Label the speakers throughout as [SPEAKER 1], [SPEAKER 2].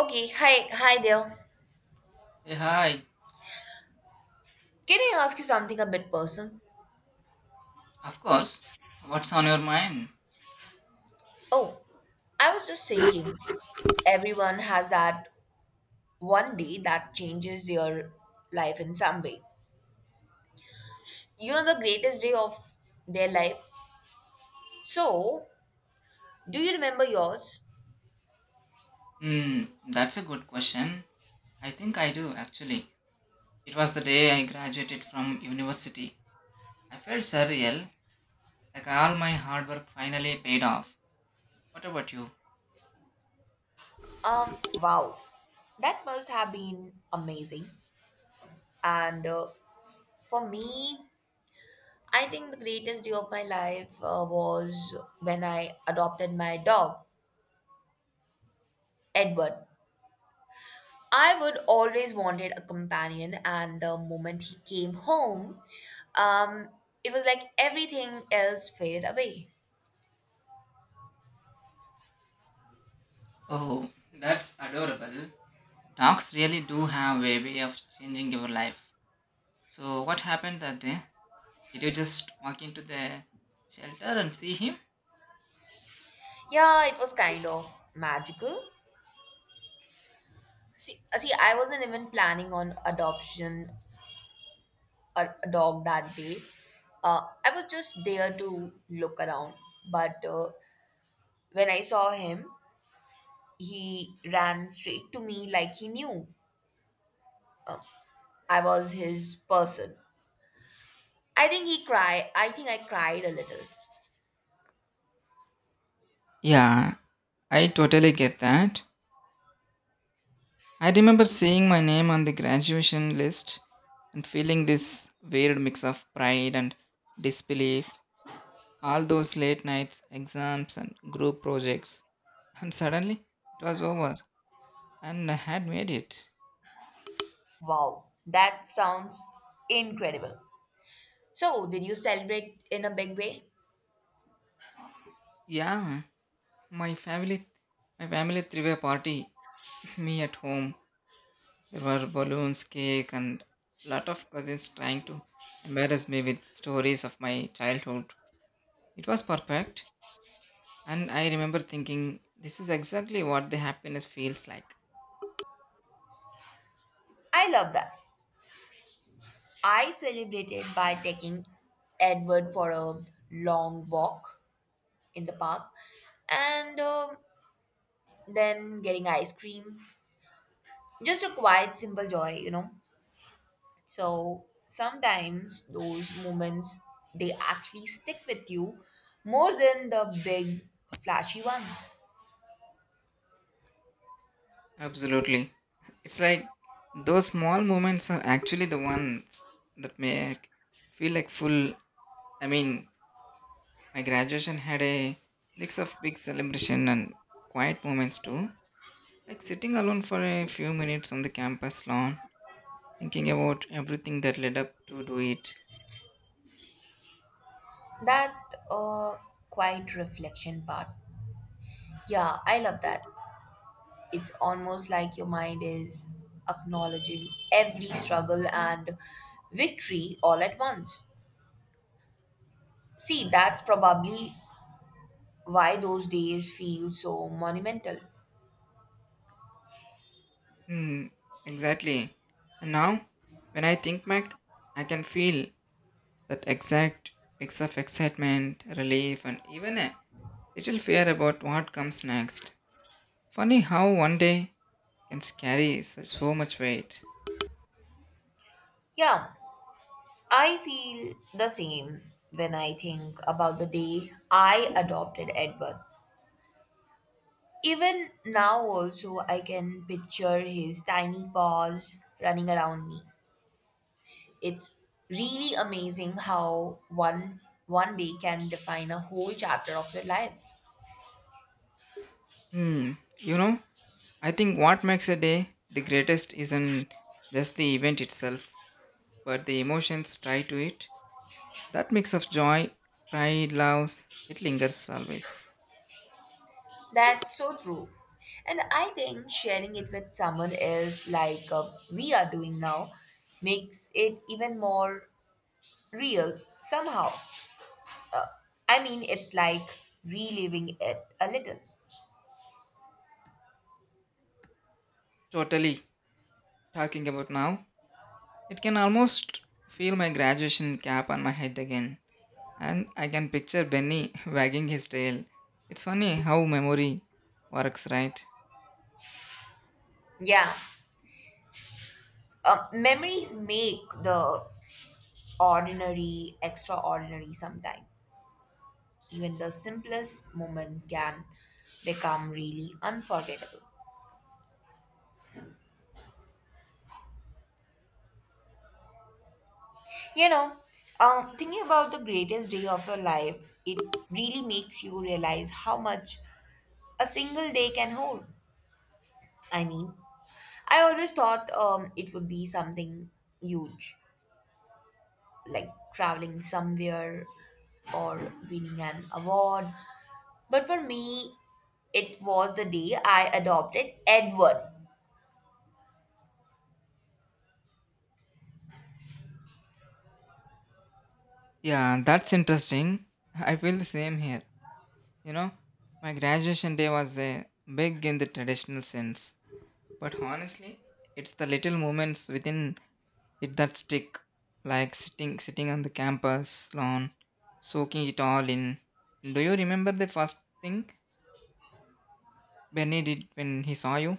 [SPEAKER 1] Okay, hi, hi there.
[SPEAKER 2] Hey, hi.
[SPEAKER 1] Can I ask you something a bit personal?
[SPEAKER 2] Of course. What's on your mind?
[SPEAKER 1] Oh, I was just thinking, everyone has that one day that changes their life in some way. You know, the greatest day of their life. So, do you remember yours?
[SPEAKER 2] Hmm, that's a good question. I think I do, actually. It was the day I graduated from university. I felt surreal, like all my hard work finally paid off. What about you?
[SPEAKER 1] Um, wow, that must have been amazing. And For me, I think the greatest day of my life was when I adopted my dog, Edward. I would always wanted a companion, and the moment he came home, um, it was like everything else faded away.
[SPEAKER 2] Oh, that's adorable. Dogs really do have a way of changing your life. So, what happened that day? Did you just walk into the shelter and see him?
[SPEAKER 1] Yeah, it was kind of magical. See, I wasn't even planning on adoption a dog that day. I was just there to look around, but when I saw him, he ran straight to me like he knew I was his person. I think he cried. I think I cried a little.
[SPEAKER 2] Yeah, I totally get that. I remember seeing my name on the graduation list and feeling this weird mix of pride and disbelief. All those late nights, exams, and group projects. And suddenly it was over and I had made it.
[SPEAKER 1] Wow, that sounds incredible. So, did you celebrate in a big way?
[SPEAKER 2] Yeah, my family my family threw a party, me at home. There were balloons, cake, and lot of cousins trying to embarrass me with stories of my childhood. It was perfect, and I remember thinking, this is exactly what the happiness feels like.
[SPEAKER 1] I love that. I celebrated by taking Edward for a long walk in the park and then getting ice cream. Just a quiet, simple joy. So, sometimes those moments they actually stick with you more than the big flashy ones.
[SPEAKER 2] Absolutely. It's like those small moments are actually the ones that make feel like full. I mean, my graduation had a mix of big celebration and quiet moments too. Like sitting alone for a few minutes on the campus lawn, thinking about everything that led up to do it.
[SPEAKER 1] That uh, quiet reflection part, yeah, I love that. It's almost like your mind is acknowledging every struggle and victory all at once. See, that's probably why those days feel so monumental.
[SPEAKER 2] Hmm, exactly. And now, when I think back, I can feel that exact mix of excitement, relief, and even a little fear about what comes next. Funny how one day can carry so much weight.
[SPEAKER 1] Yeah, I feel the same when I think about the day I adopted Edward. Even now, also, I can picture his tiny paws running around me. It's really amazing how one day can define a whole chapter of your life.
[SPEAKER 2] Hmm, you know, I think what makes a day the greatest isn't just the event itself, but the emotions tied to it. That mix of joy, pride, love, it lingers always.
[SPEAKER 1] That's so true. And I think sharing it with someone else like we are doing now makes it even more real somehow. Uh, I mean, it's like reliving it a little.
[SPEAKER 2] Totally talking about now, it can almost feel my graduation cap on my head again, and I can picture Benny wagging his tail. It's funny how memory works, right?
[SPEAKER 1] Yeah. Memories make the ordinary extraordinary sometimes. Even the simplest moment can become really unforgettable. You know, thinking about the greatest day of your life, it really makes you realize how much a single day can hold. I mean, I always thought it would be something huge, like traveling somewhere or winning an award. But for me, it was the day I adopted Edward.
[SPEAKER 2] Yeah, that's interesting. I feel the same here. You know, my graduation day was big in the traditional sense, but honestly, it's the little moments within it that stick, like sitting on the campus lawn, soaking it all in. Do you remember the first thing Benny did when he saw you?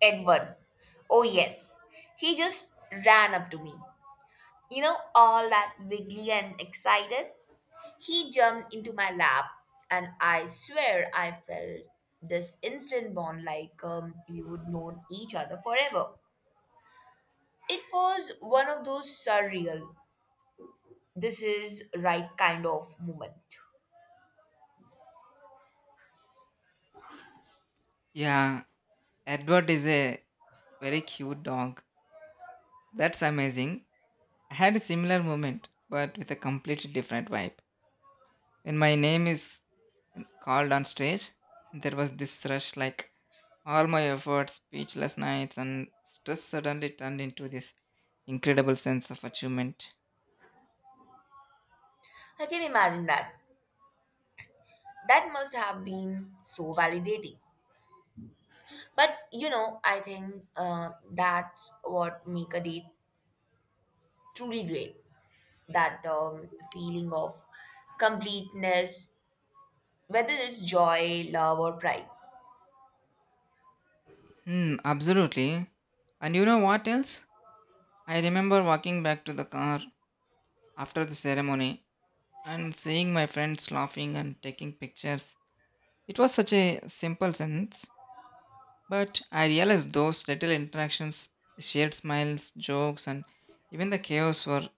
[SPEAKER 1] Edward. Oh, yes. He just ran up to me. You know, all that wiggly and excited. He jumped into my lap, and I swear I felt this instant bond like we would known each other forever. It was one of those surreal, this is right kind of moment.
[SPEAKER 2] Yeah, Edward is a very cute dog. That's amazing. I had a similar moment, but with a completely different vibe. When my name is called on stage, there was this rush like all my efforts, speechless nights, and stress suddenly turned into this incredible sense of achievement.
[SPEAKER 1] I can imagine that. That must have been so validating. But you know, I think that's what make a date truly great. That feeling of completeness, whether it's joy, love, or pride.
[SPEAKER 2] Hmm, absolutely. And you know what else? I remember walking back to the car after the ceremony and seeing my friends laughing and taking pictures. It was such a simple sense, but I realized those little interactions, the shared smiles, jokes, and even the chaos were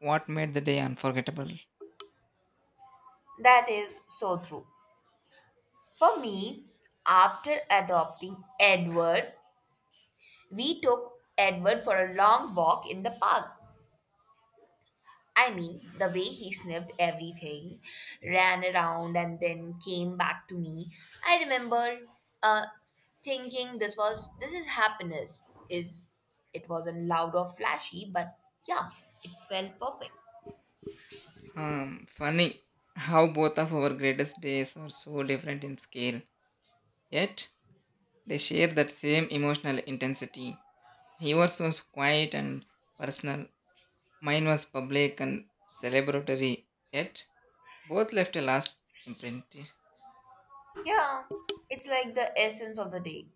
[SPEAKER 2] what made the day unforgettable.
[SPEAKER 1] That is so true. For me, after adopting Edward, we took Edward for a long walk in the park. I mean, the way he sniffed everything, ran around, and then came back to me. I remember uh, thinking this is happiness. Is it wasn't loud or flashy, but yeah, it felt perfect.
[SPEAKER 2] Funny how both of our greatest days are so different in scale, yet they share that same emotional intensity. Yours was so quiet and personal, mine was public and celebratory, yet both left a last imprint.
[SPEAKER 1] Yeah, it's like the essence of the day,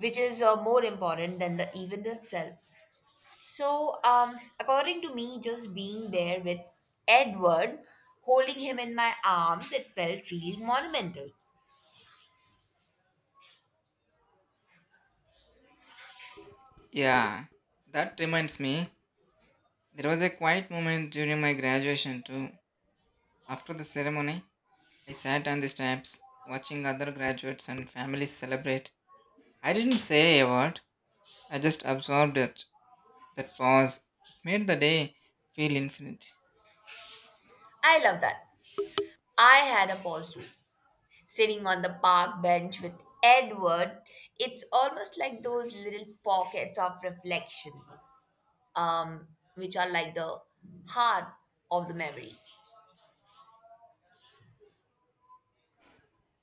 [SPEAKER 1] which is more important than the event itself. So, according to me, just being there with Edward, holding him in my arms, it felt really monumental.
[SPEAKER 2] Yeah, that reminds me, there was a quiet moment during my graduation too. After the ceremony, I sat on the steps, watching other graduates and families celebrate. I didn't say a word, I just absorbed it. That pause, it made the day feel infinite.
[SPEAKER 1] I love that. I had a pause too. Sitting on the park bench with Edward, it's almost like those little pockets of reflection, um, which are like the heart of the memory.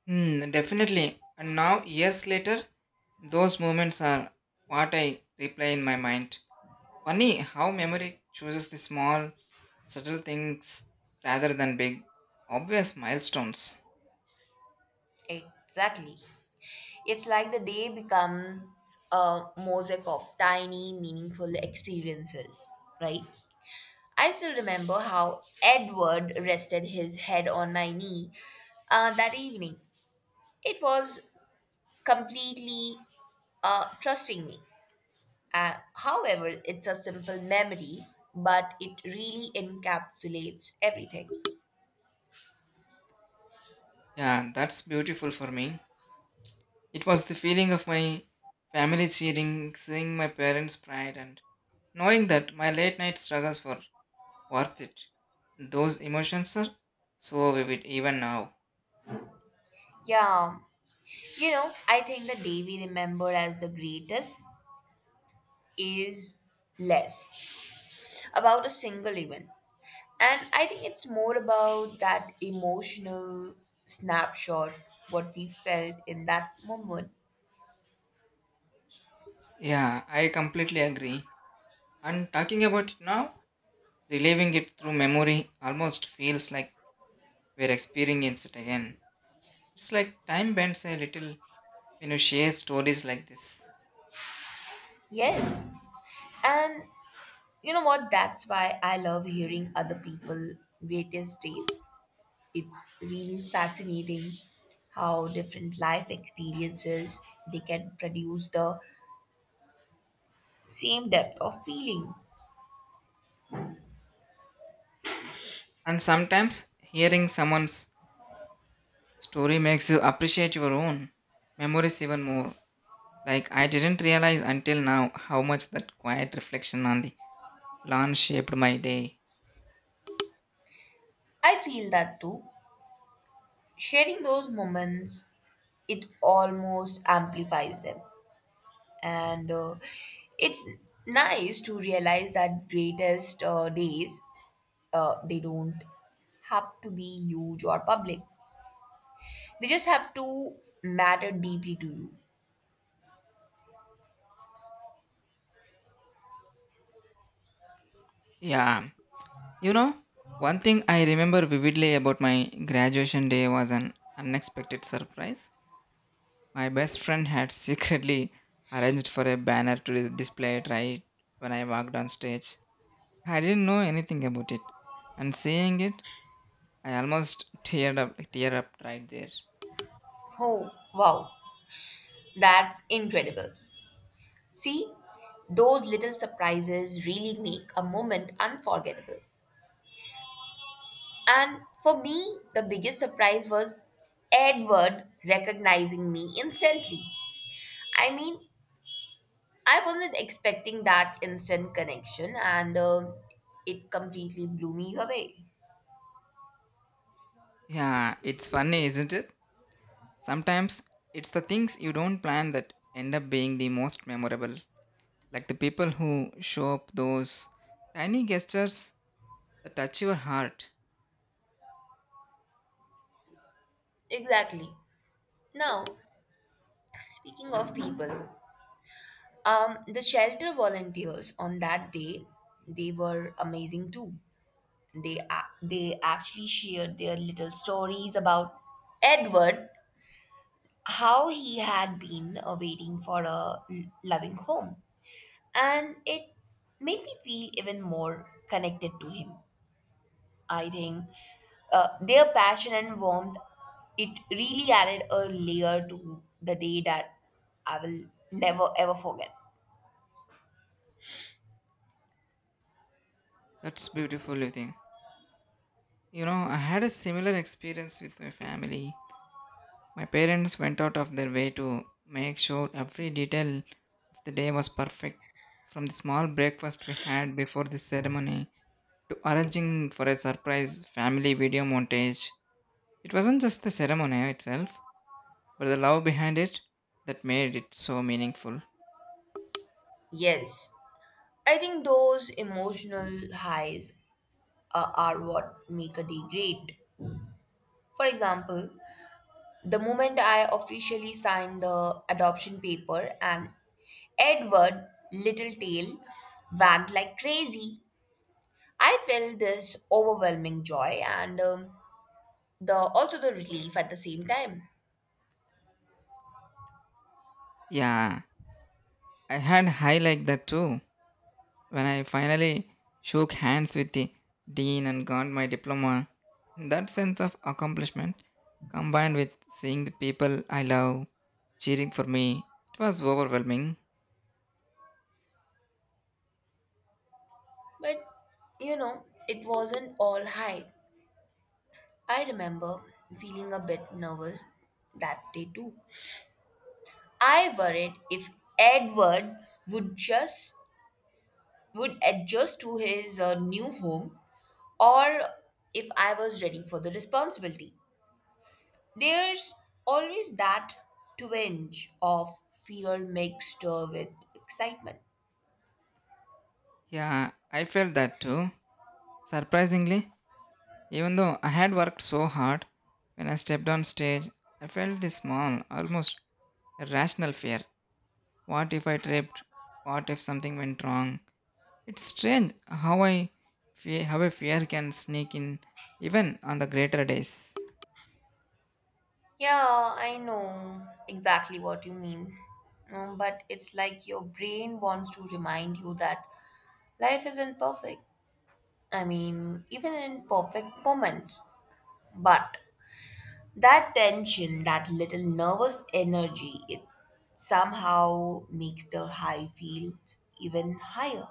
[SPEAKER 2] Hmm, definitely. And now, years later, those moments are what I replay in my mind. Funny how memory chooses the small, subtle things rather than big, obvious milestones.
[SPEAKER 1] Exactly. It's like the day becomes a mosaic of tiny, meaningful experiences, right? I still remember how Edward rested his head on my knee that evening. It was completely trusting me. However, it's a simple memory, but it really encapsulates everything.
[SPEAKER 2] Yeah, that's beautiful for me. It was the feeling of my family cheering, seeing my parents' pride, and knowing that my late night struggles were worth it. Those emotions are so vivid even now.
[SPEAKER 1] Yeah, you know, I think the day we remember as the greatest is less about a single event. And I think it's more about that emotional snapshot, what we felt in that moment.
[SPEAKER 2] Yeah, I completely agree. And talking about it now, reliving it through memory almost feels like we're experiencing it again. It's like time bends a little when you share stories like this.
[SPEAKER 1] Yes. And you know what? That's why I love hearing other people greatest days. It's really fascinating how different life experiences they can produce the same depth of feeling.
[SPEAKER 2] And sometimes hearing someone's story makes you appreciate your own memories even more. Like I didn't realize until now how much that quiet reflection on the lawn shaped my day.
[SPEAKER 1] I feel that too. Sharing those moments, it almost amplifies them, and it's nice to realize that greatest days they don't have to be huge or public. They just have to matter deeply to you.
[SPEAKER 2] Yeah. You know, one thing I remember vividly about my graduation day was an unexpected surprise. My best friend had secretly arranged for a banner to display it right when I walked on stage. I didn't know anything about it. And seeing it, I almost teared up right there.
[SPEAKER 1] Oh, wow, that's incredible. See, those little surprises really make a moment unforgettable. And for me, the biggest surprise was Edward recognizing me instantly. I mean, I wasn't expecting that instant connection, and it completely blew me away.
[SPEAKER 2] Yeah, it's funny, isn't it? Sometimes it's the things you don't plan that end up being the most memorable, like the people who show up those tiny gestures that touch your heart.
[SPEAKER 1] Exactly. Now, speaking of people, the shelter volunteers on that day, they were amazing too. They actually shared their little stories about Edward, how he had been waiting for a loving home, and it made me feel even more connected to him. I think their passion and warmth it really added a layer to the day that I will never ever forget.
[SPEAKER 2] That's beautiful, you think. You know, I had a similar experience with my family. My parents went out of their way to make sure every detail of the day was perfect, from the small breakfast we had before the ceremony to arranging for a surprise family video montage. It wasn't just the ceremony itself but the love behind it that made it so meaningful.
[SPEAKER 1] Yes. I think those emotional highs are what make a day great. For example, the moment I officially signed the adoption paper and Edward Little Tail wagged like crazy, I felt this overwhelming joy and the also the relief at the same time.
[SPEAKER 2] Yeah, I had high like that too. When I finally shook hands with the dean and got my diploma, that sense of accomplishment combined with seeing the people I love cheering for me, it was overwhelming.
[SPEAKER 1] But you know, it wasn't all high. I remember feeling a bit nervous that day too. I worried if Edward would just would adjust to his new home or if I was ready for the responsibility. There's always that twinge of fear mixed with excitement.
[SPEAKER 2] Yeah, I felt that too. Surprisingly, even though I had worked so hard, when I stepped on stage, I felt this small, almost irrational fear. What if I tripped? What if something went wrong? It's strange how how a fear can sneak in even on the greater days.
[SPEAKER 1] Yeah, I know exactly what you mean. But it's like your brain wants to remind you that life isn't perfect. I mean, even in perfect moments. But that tension, that little nervous energy, it somehow makes the high feel even higher.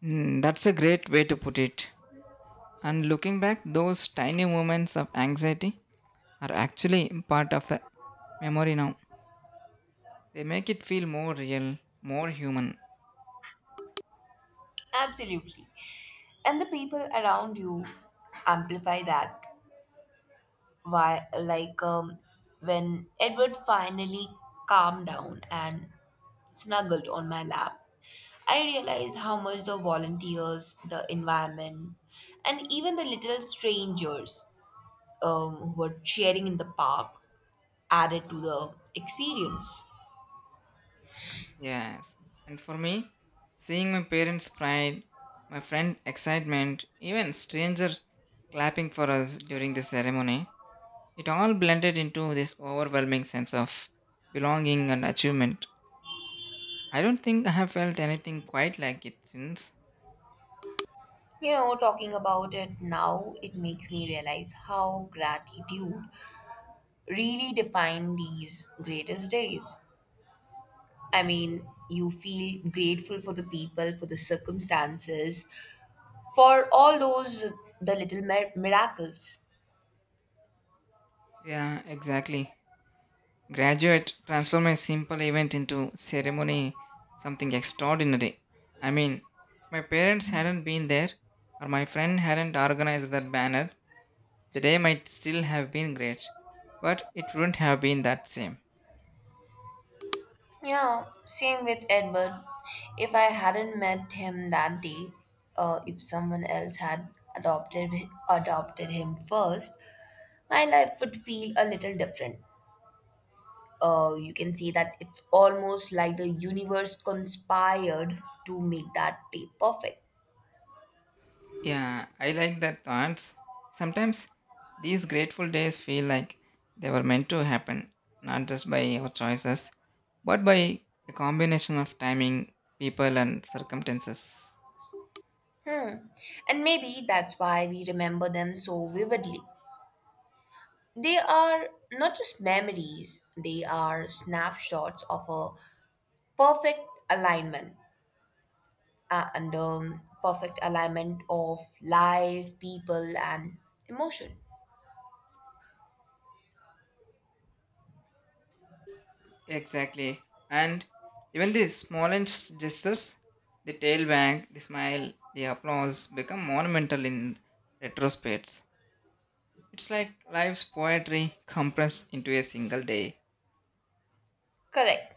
[SPEAKER 2] Hmm, that's a great way to put it. And looking back, those tiny moments of anxiety are actually part of the memory now. They make it feel more real, more human.
[SPEAKER 1] Absolutely. And the people around you amplify that. Why, like when Edward finally calmed down and snuggled on my lap, I realized how much the volunteers, the environment, and even the little strangers who were cheering in the park added to the experience.
[SPEAKER 2] Yes. And for me, seeing my parents' pride, my friend' excitement, even stranger clapping for us during the ceremony, it all blended into this overwhelming sense of belonging and achievement. I don't think I have felt anything quite like it since.
[SPEAKER 1] You know, talking about it now, it makes me realize how gratitude really defined these greatest days. I mean, you feel grateful for the people, for the circumstances, for all those the little miracles.
[SPEAKER 2] Yeah, exactly. Graduate transform a simple event into ceremony, something extraordinary. I mean, if my parents hadn't been there or my friend hadn't organized that banner, the day might still have been great, but it wouldn't have been that same.
[SPEAKER 1] Yeah, same with Edward. If I hadn't met him that day, if someone else had adopted adopted him first, my life would feel a little different. You can say that it's almost like the universe conspired to make that day perfect.
[SPEAKER 2] Yeah, I like that thoughts. Sometimes these grateful days feel like they were meant to happen, not just by our choices, but by a combination of timing, people, and circumstances.
[SPEAKER 1] Hmm. And maybe that's why we remember them so vividly. They are not just memories, they are snapshots of a perfect alignment and perfect alignment of life, people, and emotion.
[SPEAKER 2] Exactly. And even the smallest gestures, the tail wag, the smile, the applause become monumental in retrospects. It's like life's poetry compressed into a single day.
[SPEAKER 1] Correct.